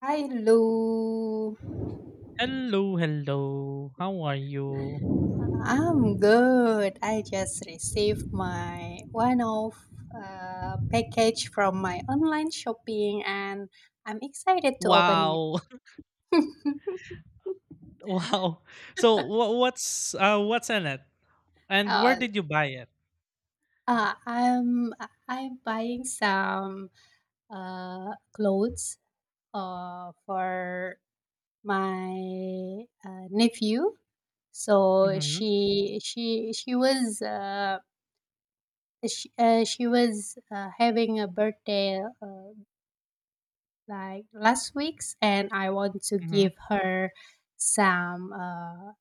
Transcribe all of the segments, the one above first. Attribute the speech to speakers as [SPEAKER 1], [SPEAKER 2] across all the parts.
[SPEAKER 1] Hello,
[SPEAKER 2] Hello, hello. How are you?
[SPEAKER 1] I'm good. I just received my one of package from my online shopping, and I'm excited to open it.
[SPEAKER 2] Wow. Wow. So what's in it? And where
[SPEAKER 1] Uh,
[SPEAKER 2] did you buy it?
[SPEAKER 1] uh, I'm I'm buying some clothes for my nephew. So
[SPEAKER 2] Mhm.
[SPEAKER 1] she was having a birthday like last week's, and I want to give
[SPEAKER 2] Mhm.
[SPEAKER 1] her some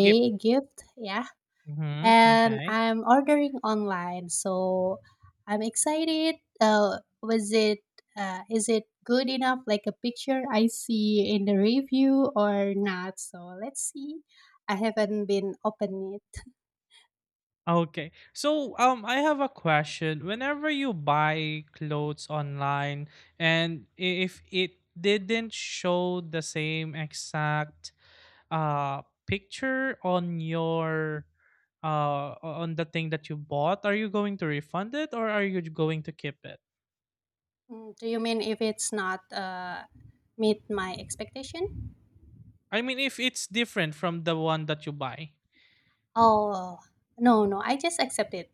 [SPEAKER 2] Gip.
[SPEAKER 1] gift, yeah.
[SPEAKER 2] Mhm.
[SPEAKER 1] And
[SPEAKER 2] Okay.
[SPEAKER 1] I'm ordering online, so I'm excited. Was it Is it good enough like a picture I see in the review or not? So let's see, I haven't been open it.
[SPEAKER 2] Okay. So I have a question. Whenever you buy clothes online, and if it didn't show the same exact uh picture uh on the thing that you bought, are you going to refund it or are you going to keep it?
[SPEAKER 1] Mm, do you mean if it's not meet my expectation?
[SPEAKER 2] I mean, if it's different from the one that you buy.
[SPEAKER 1] Oh, no, no, I just accept it.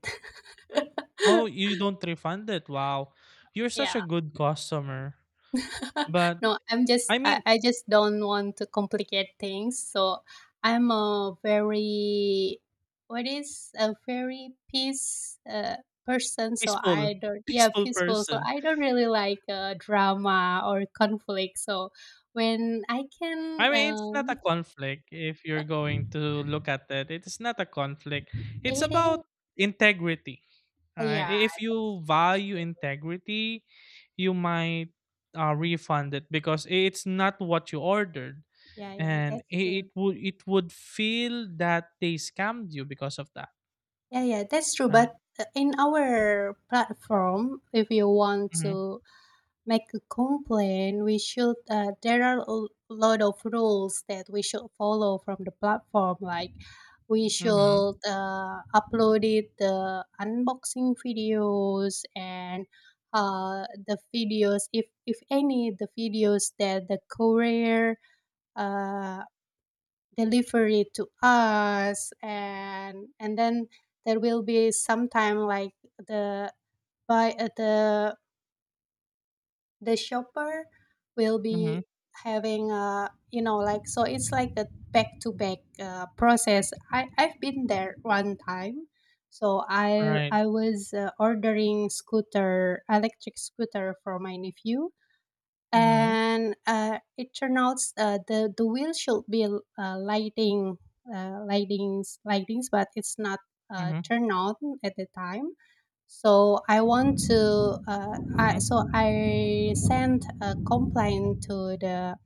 [SPEAKER 2] Oh, you don't refund it? Wow, you're such
[SPEAKER 1] Yeah.
[SPEAKER 2] a good customer. But
[SPEAKER 1] No, I'm just
[SPEAKER 2] I
[SPEAKER 1] I,
[SPEAKER 2] mean,
[SPEAKER 1] I just don't want to complicate things. So I'm a very what is a very peace person. So
[SPEAKER 2] peaceful
[SPEAKER 1] I don't, yeah,
[SPEAKER 2] peaceful
[SPEAKER 1] peaceful. So
[SPEAKER 2] person.
[SPEAKER 1] I don't really like drama or conflict. So when I can,
[SPEAKER 2] I mean, it's not a
[SPEAKER 1] um,
[SPEAKER 2] conflict. If you're going to look at it, it's not a conflict. It's
[SPEAKER 1] eight,
[SPEAKER 2] about integrity.
[SPEAKER 1] yeah,
[SPEAKER 2] Right. If
[SPEAKER 1] that's
[SPEAKER 2] you
[SPEAKER 1] that's
[SPEAKER 2] value
[SPEAKER 1] true.
[SPEAKER 2] integrity, you might refund it because it's not what you ordered,
[SPEAKER 1] Yeah, yeah,
[SPEAKER 2] and
[SPEAKER 1] that's
[SPEAKER 2] it
[SPEAKER 1] true.
[SPEAKER 2] would it would feel that they scammed you because of that.
[SPEAKER 1] Yeah, yeah, that's true.
[SPEAKER 2] Right.
[SPEAKER 1] But in our platform, if you want
[SPEAKER 2] Mhm.
[SPEAKER 1] to make a complaint, we should. There are a lot of rules that we should follow from the platform. Like, we
[SPEAKER 2] Mhm.
[SPEAKER 1] should upload it the unboxing videos, and the videos, if any, the videos that the courier uh, deliver it to us, and then there will be sometime like the by the the shopper will
[SPEAKER 2] Mhm.
[SPEAKER 1] be having a, you know, like, so it's like a back to back process. I've been there one time. So i
[SPEAKER 2] Right.
[SPEAKER 1] i was ordering scooter, electric scooter for my nephew,
[SPEAKER 2] Mhm.
[SPEAKER 1] and it turned out the wheel should be lightings, but it's not
[SPEAKER 2] Mhm.
[SPEAKER 1] turned on at the time. So I want to
[SPEAKER 2] Mhm.
[SPEAKER 1] so I sent a complaint to the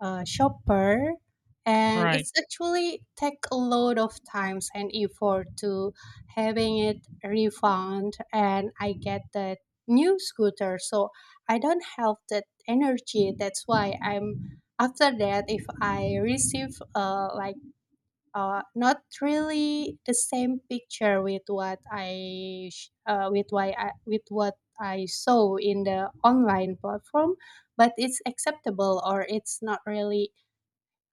[SPEAKER 1] shopper, and
[SPEAKER 2] Right.
[SPEAKER 1] it's actually take a lot of times and effort to having it refund and I get that new scooter. So I don't have that energy. That's why i'm, after that, if I receive not really the same picture with what I sh- with why I, with what I saw in the online platform, but it's acceptable, or it's not really,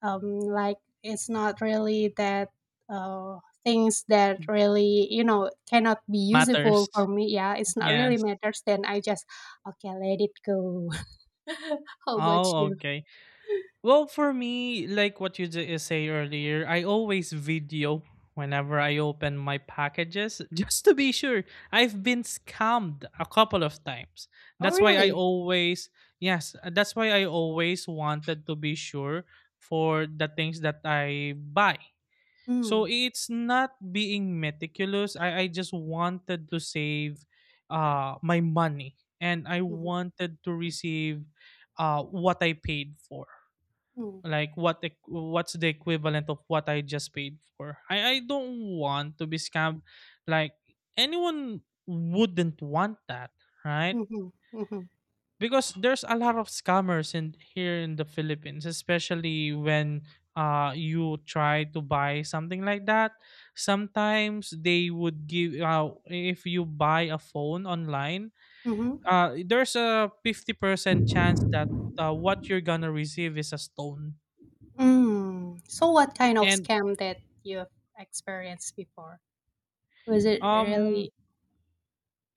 [SPEAKER 1] like, it's not really that uh, things that, really, you know, cannot be useful for
[SPEAKER 2] Matters.
[SPEAKER 1] me, yeah, it's not really
[SPEAKER 2] Yes.
[SPEAKER 1] matters, then I just okay let it go. How about
[SPEAKER 2] Oh,
[SPEAKER 1] you?
[SPEAKER 2] okay. Well, for me, like what you say earlier, I always video whenever I open my packages just to be sure. I've been scammed a couple of times.
[SPEAKER 1] Oh
[SPEAKER 2] That's why I
[SPEAKER 1] really?
[SPEAKER 2] always, yes, that's why I always wanted to be sure for the things that I buy.
[SPEAKER 1] Mm.
[SPEAKER 2] So it's not being meticulous. I just wanted to save my money, and I
[SPEAKER 1] Mm-hmm.
[SPEAKER 2] wanted to receive what I paid for,
[SPEAKER 1] Mm-hmm.
[SPEAKER 2] like what what's the equivalent of what I just paid for. I don't want to be scammed. Like, anyone wouldn't want that, right?
[SPEAKER 1] Mm-hmm. Mm-hmm.
[SPEAKER 2] Because there's a lot of scammers in here in the Philippines, especially when you try to buy something like that. Sometimes they would give if you buy a phone online,
[SPEAKER 1] Mm-hmm.
[SPEAKER 2] there's a 50% chance that what you're gonna receive is a stone.
[SPEAKER 1] Mm. So, what kind of
[SPEAKER 2] And
[SPEAKER 1] scam that you've experienced before? Was it
[SPEAKER 2] um
[SPEAKER 1] really?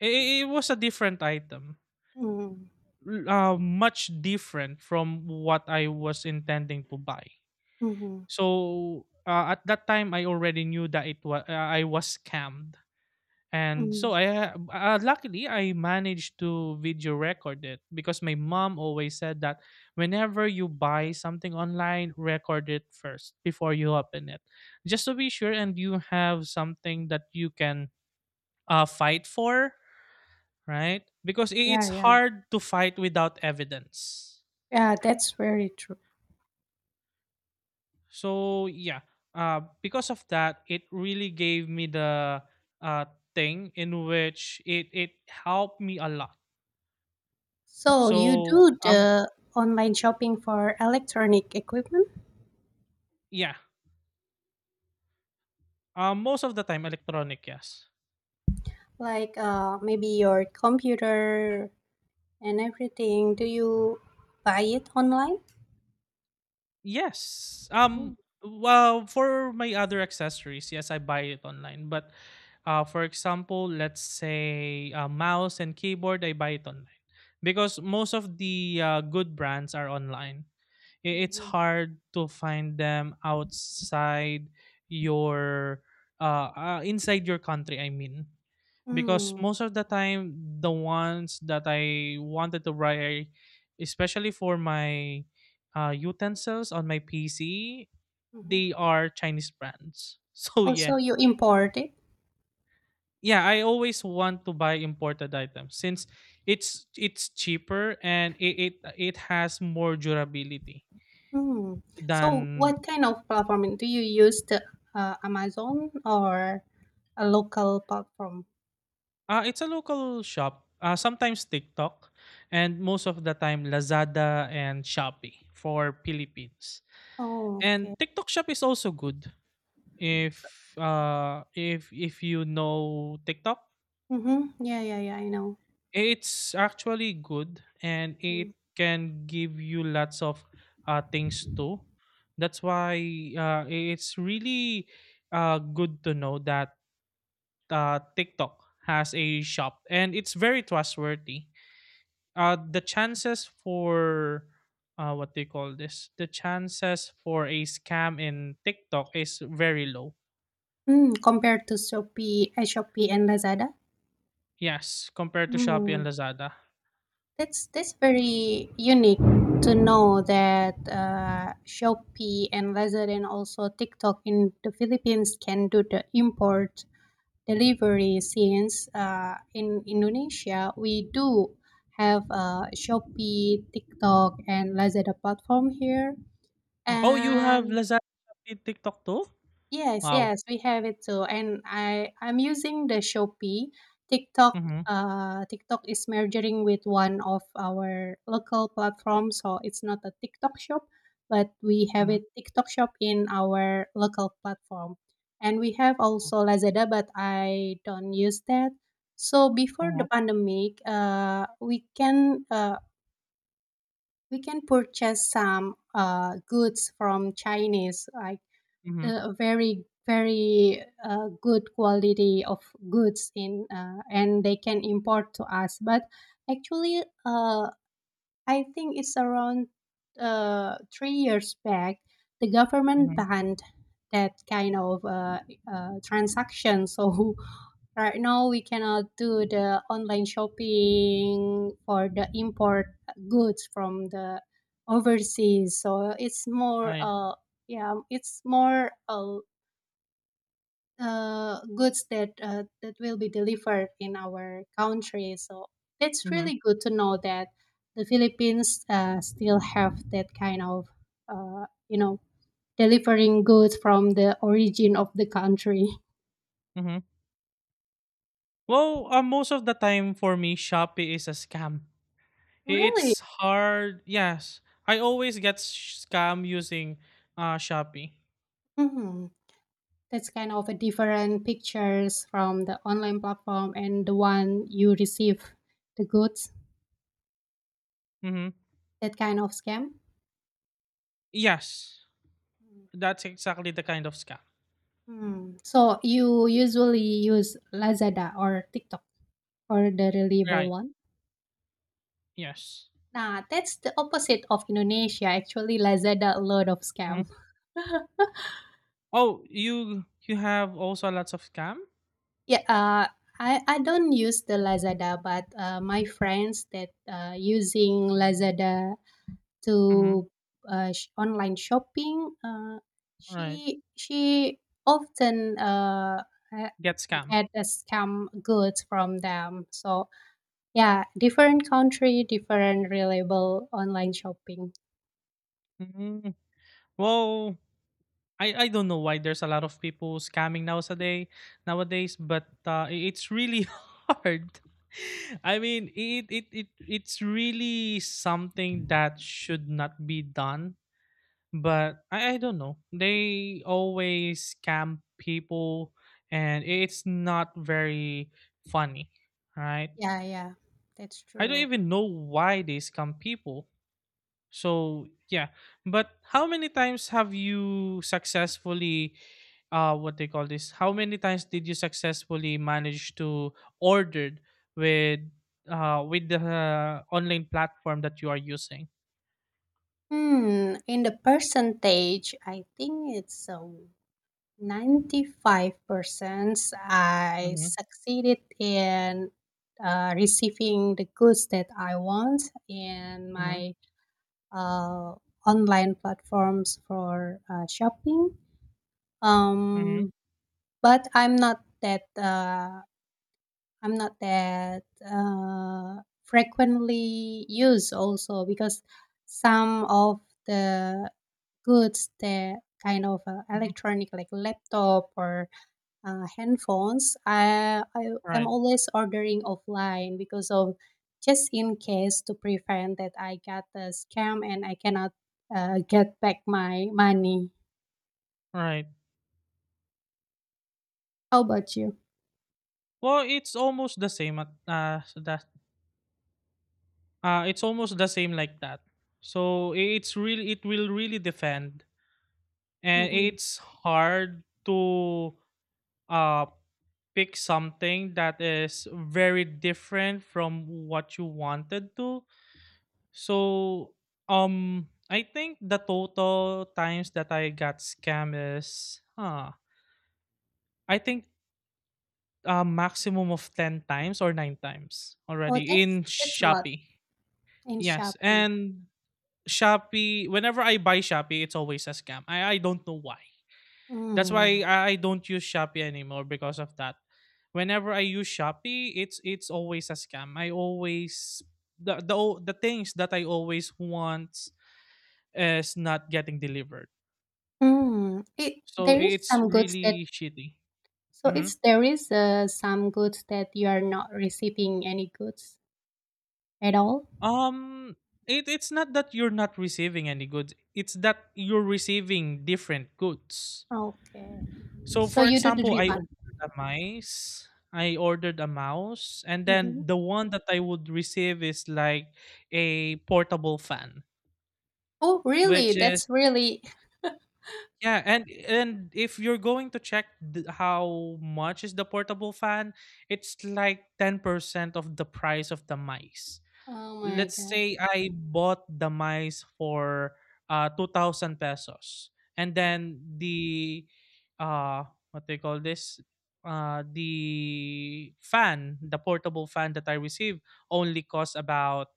[SPEAKER 2] it was a different item,
[SPEAKER 1] Mm,
[SPEAKER 2] much different from what I was intending to buy.
[SPEAKER 1] mm-hmm,
[SPEAKER 2] So at that time, I already knew that it was I was scammed, and so
[SPEAKER 1] mm.
[SPEAKER 2] luckily I managed to video record it because my mom always said that whenever you buy something online, record it first before you open it, just to be sure, and you have something that you can fight for, right? Because
[SPEAKER 1] Yeah,
[SPEAKER 2] it's
[SPEAKER 1] yeah,
[SPEAKER 2] hard to fight without evidence.
[SPEAKER 1] yeah. That's very true.
[SPEAKER 2] So yeah, because of that, it really gave me the uh, thing in which it helped me a lot.
[SPEAKER 1] So, you
[SPEAKER 2] So,
[SPEAKER 1] do the online shopping for electronic equipment,
[SPEAKER 2] yeah, most of the time electronic, yes.
[SPEAKER 1] like maybe your computer and everything. Do you buy it online?
[SPEAKER 2] Yes.
[SPEAKER 1] Mm-hmm.
[SPEAKER 2] Well, for my other accessories, yes, I buy it online. But, for example, let's say a mouse and keyboard, I buy it online because most of the good brands are online. It's
[SPEAKER 1] Mm-hmm.
[SPEAKER 2] hard to find them outside your inside your country. I mean, because most of the time the ones that I wanted to buy, especially for my utensils on my PC,
[SPEAKER 1] Mm-hmm.
[SPEAKER 2] they are Chinese brands. So
[SPEAKER 1] Also,
[SPEAKER 2] yeah,
[SPEAKER 1] you import it.
[SPEAKER 2] yeah, I always want to buy imported items since it's cheaper and it has more durability
[SPEAKER 1] Hmm. So,
[SPEAKER 2] than
[SPEAKER 1] what kind of platform do you use? The Amazon or a local platform?
[SPEAKER 2] it's a local shop. Sometimes TikTok, and most of the time Lazada and Shopee for Philippines.
[SPEAKER 1] Oh,
[SPEAKER 2] And
[SPEAKER 1] okay.
[SPEAKER 2] TikTok Shop is also good
[SPEAKER 1] So,
[SPEAKER 2] if you know TikTok.
[SPEAKER 1] mm-hmm. Yeah, yeah, yeah. I know.
[SPEAKER 2] It's actually good and
[SPEAKER 1] Mm.
[SPEAKER 2] it can give you lots of things too. That's why it's really good to know that TikTok has a shop and it's very trustworthy. The chances for what they call this the chances for a scam in TikTok is very low.
[SPEAKER 1] Mm, compared to Shopee, Shopee and Lazada.
[SPEAKER 2] Yes, compared to Shopee and
[SPEAKER 1] Hmm.
[SPEAKER 2] Lazada.
[SPEAKER 1] That's very unique to know that Shopee and Lazada and also TikTok in the Philippines can do the import delivery, since in Indonesia we do have Shopee, TikTok, and Lazada platform here.
[SPEAKER 2] Oh, you have
[SPEAKER 1] And
[SPEAKER 2] Lazada, Shopee, TikTok too?
[SPEAKER 1] yes,
[SPEAKER 2] Wow.
[SPEAKER 1] yes, we have it too. And I'm using the Shopee.
[SPEAKER 2] Mm-hmm.
[SPEAKER 1] TikTok is merging with one of our local platforms, so it's not a TikTok shop, but we have
[SPEAKER 2] Mm-hmm.
[SPEAKER 1] it TikTok shop in our local platform. And we have also Lazada, but I don't use that. So before the
[SPEAKER 2] Mm-hmm.
[SPEAKER 1] pandemic, we can we can purchase some goods from Chinese, like
[SPEAKER 2] Mm-hmm.
[SPEAKER 1] a very very good quality of goods in and they can import to us, but actually I think it's around 3 years back the government
[SPEAKER 2] Mm-hmm.
[SPEAKER 1] banned that kind of transaction. So right now we cannot do the online shopping for the import goods from the overseas. So it's more
[SPEAKER 2] Right.
[SPEAKER 1] yeah it's more goods that that will be delivered in our country. So that's
[SPEAKER 2] Mm-hmm.
[SPEAKER 1] really good to know that the Philippines still have that kind of you know, delivering goods from the origin of the country.
[SPEAKER 2] Mm-hmm. Well, most of the time for me, Shopee is a scam.
[SPEAKER 1] Really?
[SPEAKER 2] It's hard. Yes, I always get scam using Shopee.
[SPEAKER 1] Hmm, that's kind of a different pictures from the online platform and the one you receive the goods.
[SPEAKER 2] Mm-hmm.
[SPEAKER 1] That kind of scam.
[SPEAKER 2] Yes. That's exactly the kind of scam.
[SPEAKER 1] Hmm. So you usually use Lazada or TikTok. Or the reliable
[SPEAKER 2] Right.
[SPEAKER 1] one?
[SPEAKER 2] Yes.
[SPEAKER 1] Nah, that's the opposite of Indonesia. Actually, Lazada a lot of scam.
[SPEAKER 2] Hmm. Oh, you have also lots of scam.
[SPEAKER 1] Yeah, I don't use the Lazada, but my friends that using Lazada
[SPEAKER 2] Mm-hmm.
[SPEAKER 1] to online shopping,
[SPEAKER 2] Right.
[SPEAKER 1] she often uh,
[SPEAKER 2] Get scam.
[SPEAKER 1] get a scam goods from them. So yeah, different country, different reliable online shopping.
[SPEAKER 2] hmm Well, I don't know why there's a lot of people scamming nowadays, but it's really hard. I mean, it's really something that should not be done, but I don't know. They always scam people, and it's not very funny, right?
[SPEAKER 1] Yeah, yeah, that's
[SPEAKER 2] I don't
[SPEAKER 1] true.
[SPEAKER 2] even know why they scam people. So yeah, but how many times have you successfully, what they call this? How many times did you successfully manage to ordered with, with the online platform that you are using?
[SPEAKER 1] Hmm, in the percentage, I think it's 95% I
[SPEAKER 2] Mm-hmm,
[SPEAKER 1] succeeded in receiving the goods that I want in
[SPEAKER 2] mm-hmm,
[SPEAKER 1] my uh, online platforms for shopping.
[SPEAKER 2] mm-hmm,
[SPEAKER 1] Um, but I'm not that frequently used also, because some of the goods that kind of
[SPEAKER 2] mm-hmm.
[SPEAKER 1] electronic, like laptop or handphones, I'm
[SPEAKER 2] Right,
[SPEAKER 1] always ordering offline because of, just in case to prevent that I got the scam and I cannot get back my money.
[SPEAKER 2] right.
[SPEAKER 1] How about you?
[SPEAKER 2] Well, it's almost the same at so that it's almost the same like that. So it will really depend, and
[SPEAKER 1] Hmm.
[SPEAKER 2] it's hard to uh pick something that is very different from what you wanted to. So I think the total times that I got scam is, I think a maximum of 10 times or nine times
[SPEAKER 1] Oh,
[SPEAKER 2] already in
[SPEAKER 1] that's a lot
[SPEAKER 2] Shopee.
[SPEAKER 1] in
[SPEAKER 2] Yes,
[SPEAKER 1] Shopee.
[SPEAKER 2] and Shopee, whenever I buy Shopee, it's always a scam. I don't know why. That's why
[SPEAKER 1] Mm.
[SPEAKER 2] I don't use Shopee anymore because of that. Whenever I use Shopee, it's always a scam. I always the o- the things that I always want is not getting delivered.
[SPEAKER 1] Mm, it
[SPEAKER 2] So
[SPEAKER 1] there is
[SPEAKER 2] it's
[SPEAKER 1] some goods that
[SPEAKER 2] really shitty.
[SPEAKER 1] so
[SPEAKER 2] Hmm.
[SPEAKER 1] it's, there is some goods that you are not receiving any goods at all.
[SPEAKER 2] Um, it's not that you're not receiving any goods. It's that you're receiving different goods.
[SPEAKER 1] Okay,
[SPEAKER 2] So
[SPEAKER 1] so
[SPEAKER 2] for
[SPEAKER 1] you do the
[SPEAKER 2] example, I
[SPEAKER 1] refund.
[SPEAKER 2] ordered a mice, I ordered a mouse, and
[SPEAKER 1] Hmm.
[SPEAKER 2] then the one that I would receive is like a portable fan,
[SPEAKER 1] Oh, really?
[SPEAKER 2] which
[SPEAKER 1] That's
[SPEAKER 2] is,
[SPEAKER 1] really.
[SPEAKER 2] yeah, and if you're going to check how much is the portable fan, it's like 10% of the price of the mice.
[SPEAKER 1] Oh my
[SPEAKER 2] Let's
[SPEAKER 1] god,
[SPEAKER 2] say I bought the mice for 2000 pesos, and then the uh what they call this the fan the portable fan that I received only cost about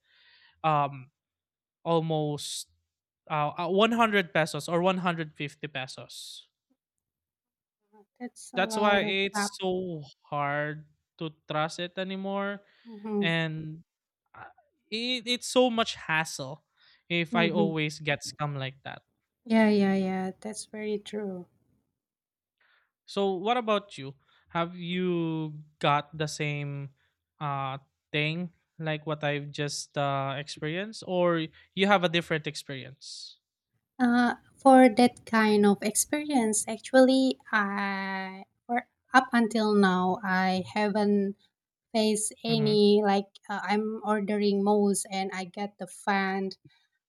[SPEAKER 2] um almost 100 pesos or 150 pesos.
[SPEAKER 1] that's a
[SPEAKER 2] That's
[SPEAKER 1] lot
[SPEAKER 2] why
[SPEAKER 1] of crap.
[SPEAKER 2] it's so hard to trust it anymore,
[SPEAKER 1] Hmm.
[SPEAKER 2] and uh, it's so much hassle if I
[SPEAKER 1] Hmm.
[SPEAKER 2] always get scam like that.
[SPEAKER 1] Yeah, yeah, yeah. That's very true.
[SPEAKER 2] So what about you? Have you got the same uh thing like what I've just experienced, or you have a different experience?
[SPEAKER 1] For that kind of experience, actually, I for up until now, I haven't face
[SPEAKER 2] Mhm.
[SPEAKER 1] any like I'm ordering mouse and I get the fan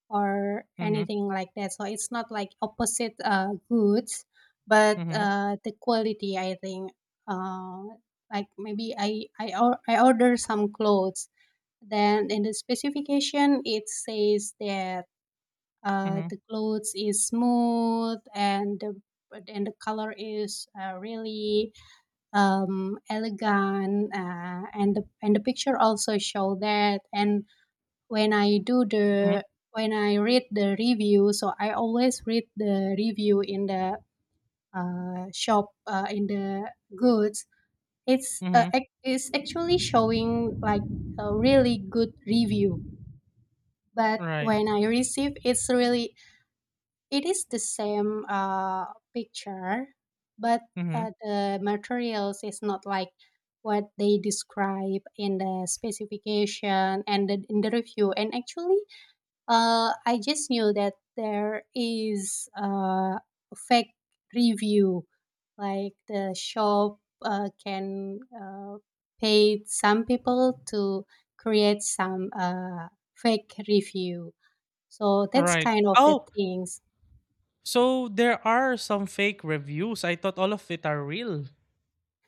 [SPEAKER 1] or
[SPEAKER 2] Mhm.
[SPEAKER 1] anything like that. So it's not like opposite goods, but
[SPEAKER 2] Mhm.
[SPEAKER 1] the quality, I think, uh, like maybe I order some clothes. Then in the specification it says that
[SPEAKER 2] Mhm.
[SPEAKER 1] the clothes is smooth and the color is really, elegant, and the picture also show that. And when I do
[SPEAKER 2] Mhm.
[SPEAKER 1] the when I read the review, so I always read the review in the shop in the goods.
[SPEAKER 2] Mhm.
[SPEAKER 1] It's actually showing like a really good review, but
[SPEAKER 2] Right.
[SPEAKER 1] when I receive, it is the same picture, but
[SPEAKER 2] Mhm.
[SPEAKER 1] the materials is not like what they describe in the specification and in the review. And actually, I just knew that there is a fake review, like the shop can pay some people to create some fake review. So that's
[SPEAKER 2] Right.
[SPEAKER 1] kind of the
[SPEAKER 2] Oh,
[SPEAKER 1] things.
[SPEAKER 2] so there are some fake reviews. I thought all of it are real.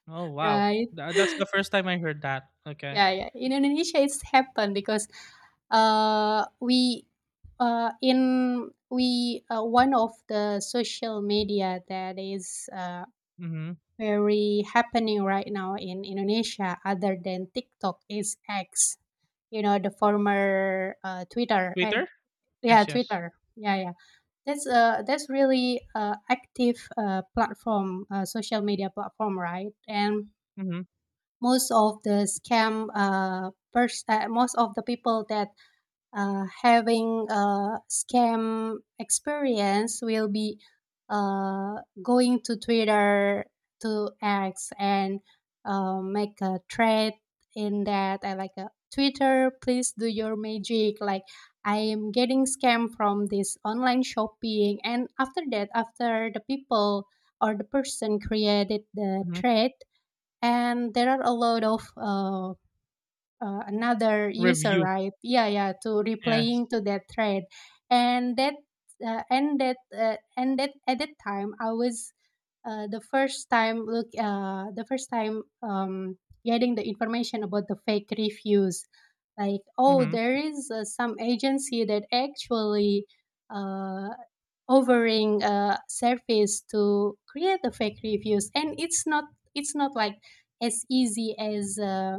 [SPEAKER 2] Oh wow,
[SPEAKER 1] Right.
[SPEAKER 2] That's the first time I heard that. Okay.
[SPEAKER 1] Yeah, yeah. In Indonesia, it's happened because we in we one of the social media that is
[SPEAKER 2] Mm-hmm.
[SPEAKER 1] very happening right now in Indonesia, other than TikTok, is X. You know, the former Twitter. And,
[SPEAKER 2] Twitter?
[SPEAKER 1] yeah,
[SPEAKER 2] Yes, yes.
[SPEAKER 1] Twitter. Yeah, yeah. That's that's really active platform, social media platform, right? And
[SPEAKER 2] Mm-hmm.
[SPEAKER 1] most of the most of the people that having a scam experience will be uh, going to Twitter, to X, and make a thread in that, I like a Twitter, please do your magic. Like, I am getting scam from this online shopping, and after that, after the people or the person created the
[SPEAKER 2] Mm-hmm.
[SPEAKER 1] thread, and there are a lot of another user,
[SPEAKER 2] Review?
[SPEAKER 1] right, yeah, yeah, to
[SPEAKER 2] Yes.
[SPEAKER 1] replaying to that thread. And that and that and that at that time I was the first time, getting the information about the fake reviews. Like, oh, there
[SPEAKER 2] Mm-hmm.
[SPEAKER 1] is some agency that actually uh, offering a service to create the fake reviews, and it's not, it's not like as easy as uh,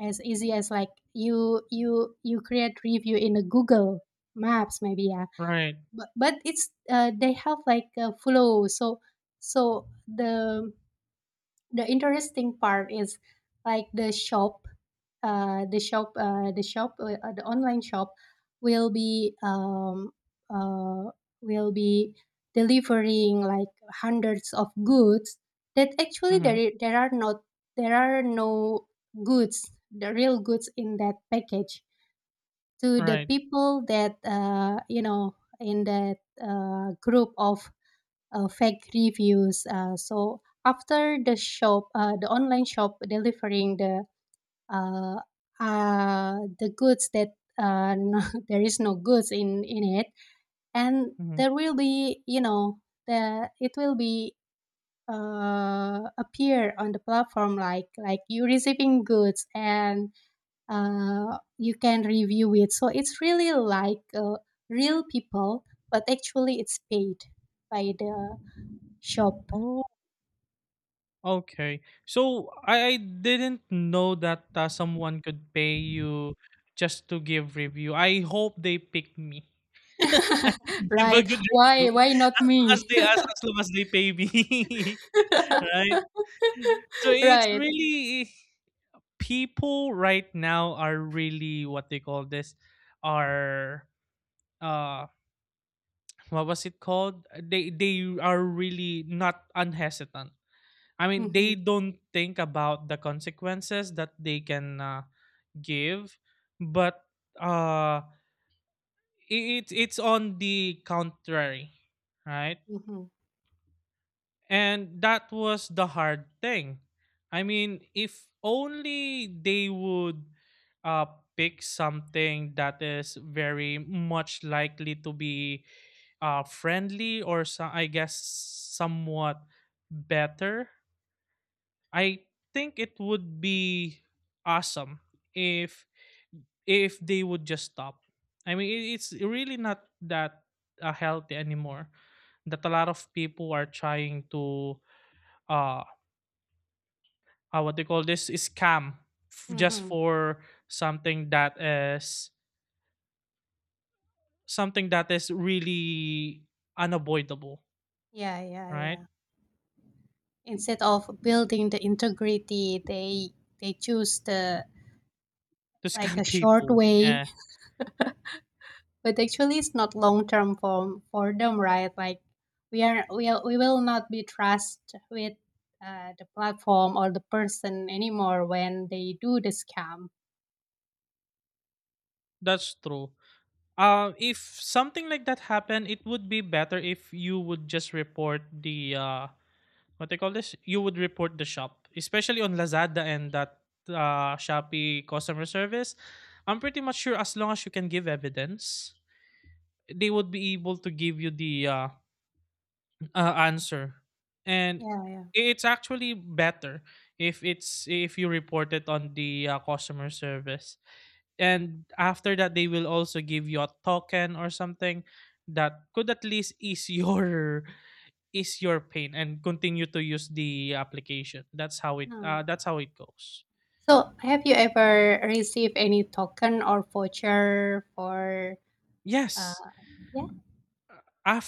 [SPEAKER 1] as easy as like, you you create review in a google maps, maybe, yeah.
[SPEAKER 2] Right.
[SPEAKER 1] But it's they have like a flow. So so the interesting part is, like, the shop the shop the shop the online shop will be um uh will be delivering like hundreds of goods that actually there
[SPEAKER 2] Mm-hmm.
[SPEAKER 1] i- there are not, there are no goods, the real goods in that package, to the
[SPEAKER 2] Right.
[SPEAKER 1] people that, uh, you know, in that group of fake reviews. So after the online shop delivering uh, the goods that, no, there is no goods in it, and
[SPEAKER 2] Mm-hmm.
[SPEAKER 1] there will be, you know, the it will be appear on the platform like you receiving goods, and you can review it. So it's really like real people, but actually it's paid by the shop.
[SPEAKER 2] Oh, okay. So I didn't know that someone could pay you just to give review. I hope they pick me. I can give a
[SPEAKER 1] Right.
[SPEAKER 2] good review
[SPEAKER 1] Why not me?
[SPEAKER 2] as long as they pay me, right? So it's
[SPEAKER 1] Right.
[SPEAKER 2] really people right now are really what they call this, are uh what was it called? They are really not unhesitant. I mean, they
[SPEAKER 1] Mhm,
[SPEAKER 2] don't think about the consequences that they can give, but uh it's on the contrary, right?
[SPEAKER 1] mhm,
[SPEAKER 2] And that was the hard thing. I mean, if only they would uh, pick something that is very much likely to be friendly, or so, I guess, somewhat better, I think it would be awesome if if they would just stop. I mean, it's really not that healthy anymore. That a lot of people are trying to uh, what they call this, scam, just
[SPEAKER 1] mhm.
[SPEAKER 2] for something that is something that is really unavoidable,
[SPEAKER 1] Yeah, yeah,
[SPEAKER 2] right?
[SPEAKER 1] yeah. Instead of building the integrity, they choose the
[SPEAKER 2] To
[SPEAKER 1] like a
[SPEAKER 2] scam
[SPEAKER 1] short
[SPEAKER 2] people,
[SPEAKER 1] way.
[SPEAKER 2] yeah.
[SPEAKER 1] But actually it's not long term for them, right? Like, we will not be trust with the platform or the person anymore when they do the scam.
[SPEAKER 2] That's true. If something like that happened, it would be better if you would just report the what they call this you would report the shop, especially on Lazada, and that Shopee customer service. I'm pretty much sure, as long as you can give evidence, they would be able to give you the answer. And
[SPEAKER 1] Yeah,
[SPEAKER 2] it's actually better if it's if you report it on the customer service. And after that, they will also give you a token or something that could at least ease your ease your pain and continue to use the application. That's how it
[SPEAKER 1] yeah.
[SPEAKER 2] goes.
[SPEAKER 1] So, have you ever received any token or voucher for, uh,
[SPEAKER 2] Yes,
[SPEAKER 1] yeah,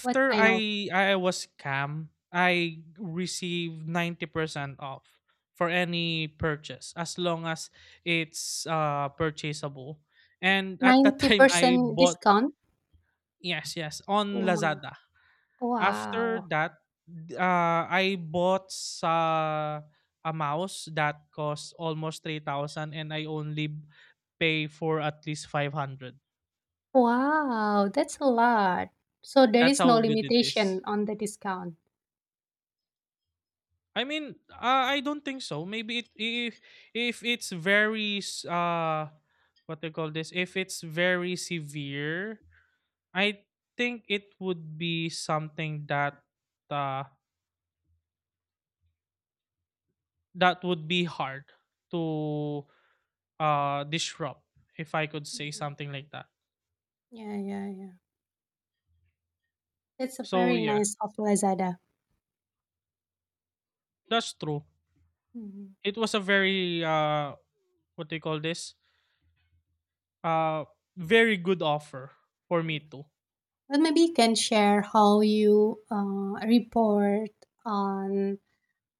[SPEAKER 1] what kind of,
[SPEAKER 2] I was scam, I received 90% off for any purchase as long as it's purchasable. And at that time I
[SPEAKER 1] 90%
[SPEAKER 2] bought,
[SPEAKER 1] discount?
[SPEAKER 2] yes, yes, on
[SPEAKER 1] Oh my-
[SPEAKER 2] Lazada. After
[SPEAKER 1] Wow.
[SPEAKER 2] that, I bought sa a mouse that cost almost 3000 and I only pay for at least 500.
[SPEAKER 1] Wow, that's a lot. So there
[SPEAKER 2] That's
[SPEAKER 1] is no
[SPEAKER 2] how good it
[SPEAKER 1] limitation
[SPEAKER 2] is.
[SPEAKER 1] on the discount.
[SPEAKER 2] I mean, I don't think so. Maybe if it's very what they call this, if it's very severe, I think it would be something that uh that would be hard to disrupt, if I could say
[SPEAKER 1] Mhm.
[SPEAKER 2] something like that.
[SPEAKER 1] Yeah, yeah, yeah. That's a
[SPEAKER 2] So
[SPEAKER 1] very
[SPEAKER 2] yeah,
[SPEAKER 1] nice of Lazada.
[SPEAKER 2] that's true.
[SPEAKER 1] Mhm.
[SPEAKER 2] It was a very what they call this uh very good offer for me
[SPEAKER 1] Mm.
[SPEAKER 2] too.
[SPEAKER 1] Well, maybe you can share how you report on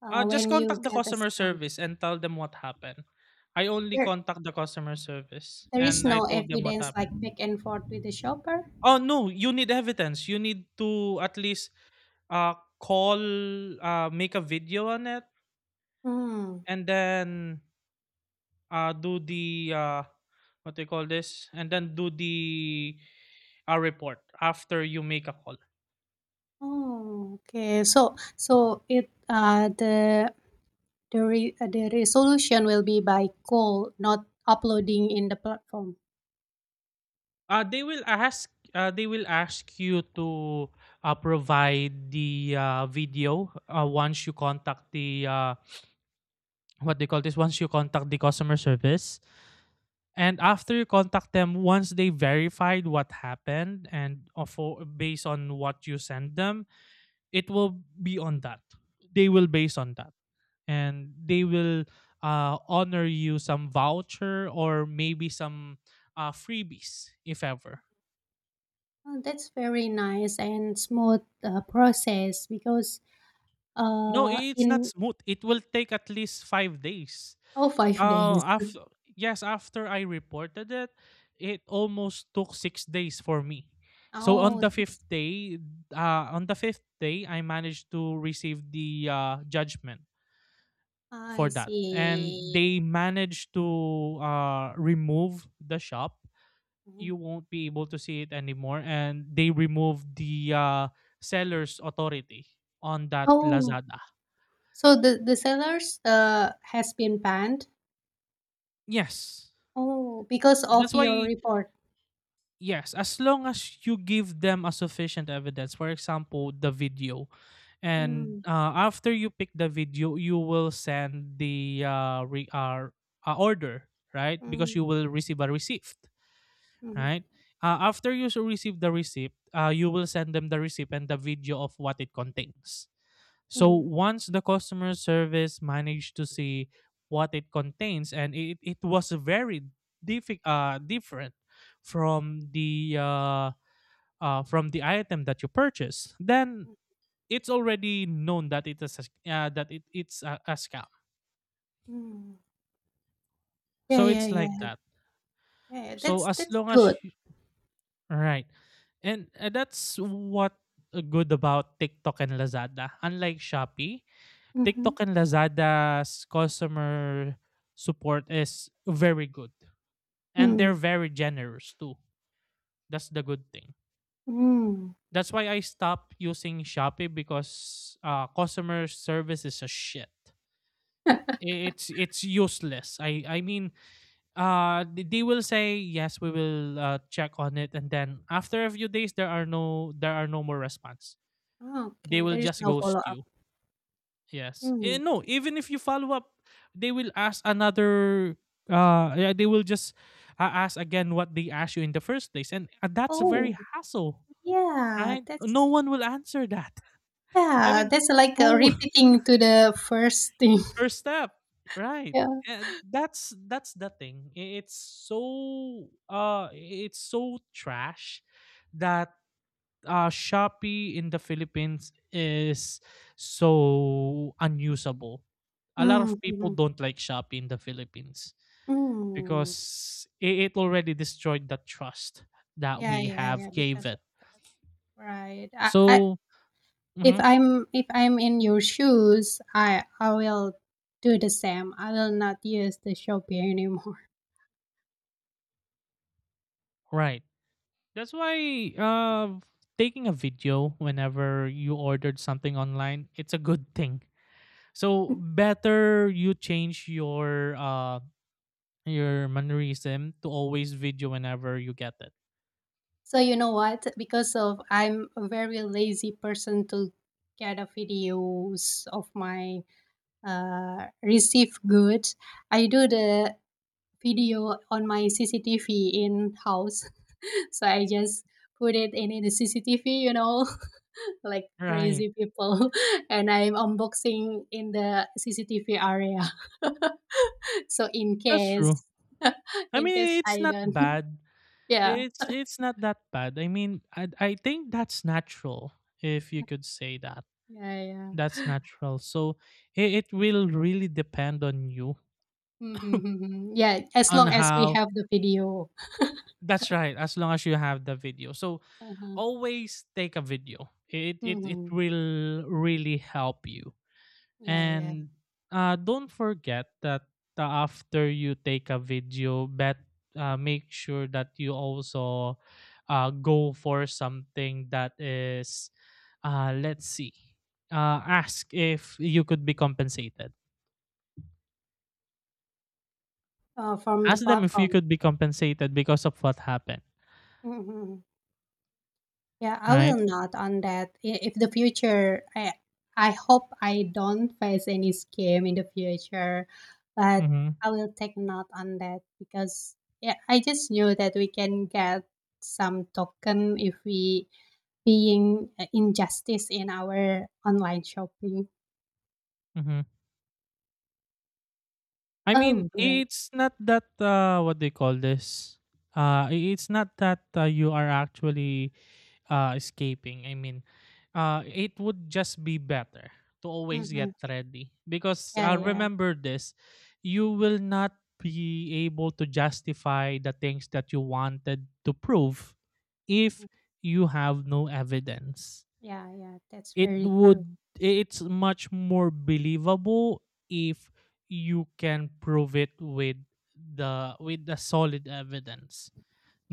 [SPEAKER 2] Just
[SPEAKER 1] when you
[SPEAKER 2] contact the
[SPEAKER 1] get a
[SPEAKER 2] customer
[SPEAKER 1] scam.
[SPEAKER 2] service and tell them what happened. I only
[SPEAKER 1] There
[SPEAKER 2] contact the customer service
[SPEAKER 1] There is
[SPEAKER 2] and I
[SPEAKER 1] no
[SPEAKER 2] told them what
[SPEAKER 1] evidence like
[SPEAKER 2] happened.
[SPEAKER 1] back and forth with the shopper?
[SPEAKER 2] Oh no, you need evidence. You need to at least uh call, make a video on it
[SPEAKER 1] Hmm.
[SPEAKER 2] and then do the what do you call this? And then do the report after you make a call.
[SPEAKER 1] Oh, okay. So so it the the resolution will be by call, not uploading in the platform.
[SPEAKER 2] They will ask you to provide the video once you contact the what they call this once you contact the customer service, and after you contact them, once they verified what happened and based on what you send them, it will be on that, they will base on that, and they will honor you some voucher or maybe some freebies if ever.
[SPEAKER 1] Oh, that's very nice and smooth process because
[SPEAKER 2] No, I it's not
[SPEAKER 1] in
[SPEAKER 2] smooth. It will take at least 5 days.
[SPEAKER 1] oh, five days.
[SPEAKER 2] After Yes, after I reported it, it almost took 6 days for me. So on
[SPEAKER 1] Oh,
[SPEAKER 2] the 5th
[SPEAKER 1] that's,
[SPEAKER 2] day, on the 5th day, I managed to receive the judgment
[SPEAKER 1] I
[SPEAKER 2] for that. And
[SPEAKER 1] see.
[SPEAKER 2] they managed to remove the shop.
[SPEAKER 1] Mhm.
[SPEAKER 2] You won't be able to see it anymore. And they removed the seller's authority on that
[SPEAKER 1] Oh,
[SPEAKER 2] Lazada.
[SPEAKER 1] so the sellers has been banned.
[SPEAKER 2] Yes.
[SPEAKER 1] Oh, because of
[SPEAKER 2] That's
[SPEAKER 1] your
[SPEAKER 2] why,
[SPEAKER 1] report.
[SPEAKER 2] yes, as long as you give them a sufficient evidence, for example, the video, and
[SPEAKER 1] Mm,
[SPEAKER 2] after you pick the video, you will send the order, right? Because
[SPEAKER 1] mm,
[SPEAKER 2] you will receive a receipt,
[SPEAKER 1] mhm,
[SPEAKER 2] right? After you receive the receipt, you will send them the receipt and the video of what it contains. So
[SPEAKER 1] mhm,
[SPEAKER 2] once the customer service managed to see what it contains, and it was very different from the uh, from the item that you purchased, then
[SPEAKER 1] hmm.
[SPEAKER 2] it's already known that it is a, it's a scam.
[SPEAKER 1] Yeah,
[SPEAKER 2] So
[SPEAKER 1] yeah,
[SPEAKER 2] it's like
[SPEAKER 1] yeah,
[SPEAKER 2] that.
[SPEAKER 1] yeah, yeah,
[SPEAKER 2] So as
[SPEAKER 1] that's
[SPEAKER 2] long as
[SPEAKER 1] good.
[SPEAKER 2] you, right, and that's what good about TikTok and Lazada. Unlike Shopee,
[SPEAKER 1] Mhm,
[SPEAKER 2] TikTok and Lazada's customer support is very good. And
[SPEAKER 1] mm,
[SPEAKER 2] they're very generous too. That's the good thing.
[SPEAKER 1] mm.
[SPEAKER 2] That's why I stopped using Shopee because customer service is a shit. It's useless. I mean, they will say yes, we will check on it, and then after a few days, there are no, more response. They
[SPEAKER 1] Okay,
[SPEAKER 2] will
[SPEAKER 1] there is
[SPEAKER 2] just
[SPEAKER 1] no
[SPEAKER 2] ghost
[SPEAKER 1] follow-up.
[SPEAKER 2] you. Yes.
[SPEAKER 1] Mm.
[SPEAKER 2] Eh, no, even if you follow up, they will ask another yeah, they will just ask again what they asked you in the first place, and that's a
[SPEAKER 1] Oh,
[SPEAKER 2] very hassle,
[SPEAKER 1] yeah,
[SPEAKER 2] right? No
[SPEAKER 1] that's,
[SPEAKER 2] one will answer that. I
[SPEAKER 1] yeah,
[SPEAKER 2] mean,
[SPEAKER 1] that's like,
[SPEAKER 2] who
[SPEAKER 1] repeating to the first thing.
[SPEAKER 2] first step, right?
[SPEAKER 1] Yeah.
[SPEAKER 2] Eh, that's the thing. It's so trash that Shopee in the Philippines is so unusable. A lot
[SPEAKER 1] Mm,
[SPEAKER 2] of people
[SPEAKER 1] mhm,
[SPEAKER 2] don't like Shopee in the Philippines
[SPEAKER 1] mm.
[SPEAKER 2] because it already destroyed the trust that
[SPEAKER 1] Yeah,
[SPEAKER 2] we
[SPEAKER 1] yeah, yeah,
[SPEAKER 2] have gave
[SPEAKER 1] because
[SPEAKER 2] it.
[SPEAKER 1] right. I
[SPEAKER 2] So,
[SPEAKER 1] if
[SPEAKER 2] mhm,
[SPEAKER 1] I'm in your shoes, I will do the same. I will not use the Shopee anymore.
[SPEAKER 2] right. That's why taking a video whenever you ordered something online, it's a good thing. So better you change your mannerism to always video whenever you get it.
[SPEAKER 1] So you know what? Because of I'm a very lazy person to get a videos of my received goods. I do the video on my CCTV in house. So I just put it in the CCTV, you know, like
[SPEAKER 2] Right.
[SPEAKER 1] crazy people, and I'm unboxing in the CCTV area. So in
[SPEAKER 2] That's
[SPEAKER 1] case,
[SPEAKER 2] true. I
[SPEAKER 1] in case
[SPEAKER 2] mean, it's
[SPEAKER 1] I
[SPEAKER 2] not
[SPEAKER 1] don't,
[SPEAKER 2] bad.
[SPEAKER 1] yeah,
[SPEAKER 2] It's not that bad. I mean, I think that's natural if you could say that.
[SPEAKER 1] yeah, yeah.
[SPEAKER 2] That's natural. So it will really depend on you
[SPEAKER 1] Mhm, mhm. Yeah, as
[SPEAKER 2] on
[SPEAKER 1] long as we
[SPEAKER 2] how.
[SPEAKER 1] have the video.
[SPEAKER 2] That's right, as long as you have the video. So
[SPEAKER 1] Uh-huh.
[SPEAKER 2] always take a video. It
[SPEAKER 1] Mhm.
[SPEAKER 2] will really help you.
[SPEAKER 1] Yeah, yeah.
[SPEAKER 2] And don't forget that after you take a video, bet make sure that you also go for something that is, let's see, ask if you could be compensated.
[SPEAKER 1] From the
[SPEAKER 2] Ask them if you
[SPEAKER 1] platform.
[SPEAKER 2] could be compensated because of what happened,
[SPEAKER 1] Mhm. Yeah, I will
[SPEAKER 2] right?
[SPEAKER 1] not on that. I- If the future, I hope I don't face any scam in the future, but
[SPEAKER 2] Mm-hmm.
[SPEAKER 1] I will take note on that, because yeah, I just knew that we can get some token if we being injustice in our online shopping.
[SPEAKER 2] Mm-hmm. I mean,
[SPEAKER 1] Oh, right.
[SPEAKER 2] it's not that what they call this. It's not that you are actually escaping. I mean, it would just be better to always
[SPEAKER 1] Mm-hmm.
[SPEAKER 2] get ready because
[SPEAKER 1] Yeah, yeah.
[SPEAKER 2] remember this: you will not be able to justify the things that you wanted to prove if
[SPEAKER 1] Mhm.
[SPEAKER 2] you have no evidence.
[SPEAKER 1] Yeah, yeah, that's
[SPEAKER 2] It
[SPEAKER 1] very true.
[SPEAKER 2] would. It's much more believable if you can prove it with the solid evidence.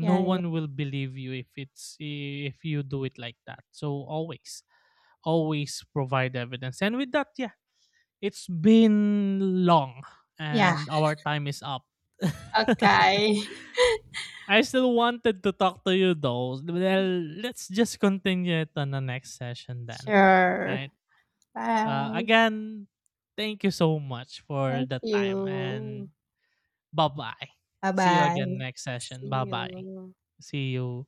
[SPEAKER 2] No
[SPEAKER 1] yeah.
[SPEAKER 2] one will believe you if it's if you do it like that, so always, always provide evidence. And with that, yeah, it's been long
[SPEAKER 1] Yeah,
[SPEAKER 2] and our time is up.
[SPEAKER 1] okay.
[SPEAKER 2] I still wanted to talk to you though. Well, let's just continue it on the next session then,
[SPEAKER 1] Sure.
[SPEAKER 2] right?
[SPEAKER 1] Bye.
[SPEAKER 2] Again, thank you so much for
[SPEAKER 1] Thank
[SPEAKER 2] the time,
[SPEAKER 1] you.
[SPEAKER 2] and bye bye. See you again
[SPEAKER 1] Bye-bye.
[SPEAKER 2] next
[SPEAKER 1] See
[SPEAKER 2] session. Bye bye.
[SPEAKER 1] you.
[SPEAKER 2] See you.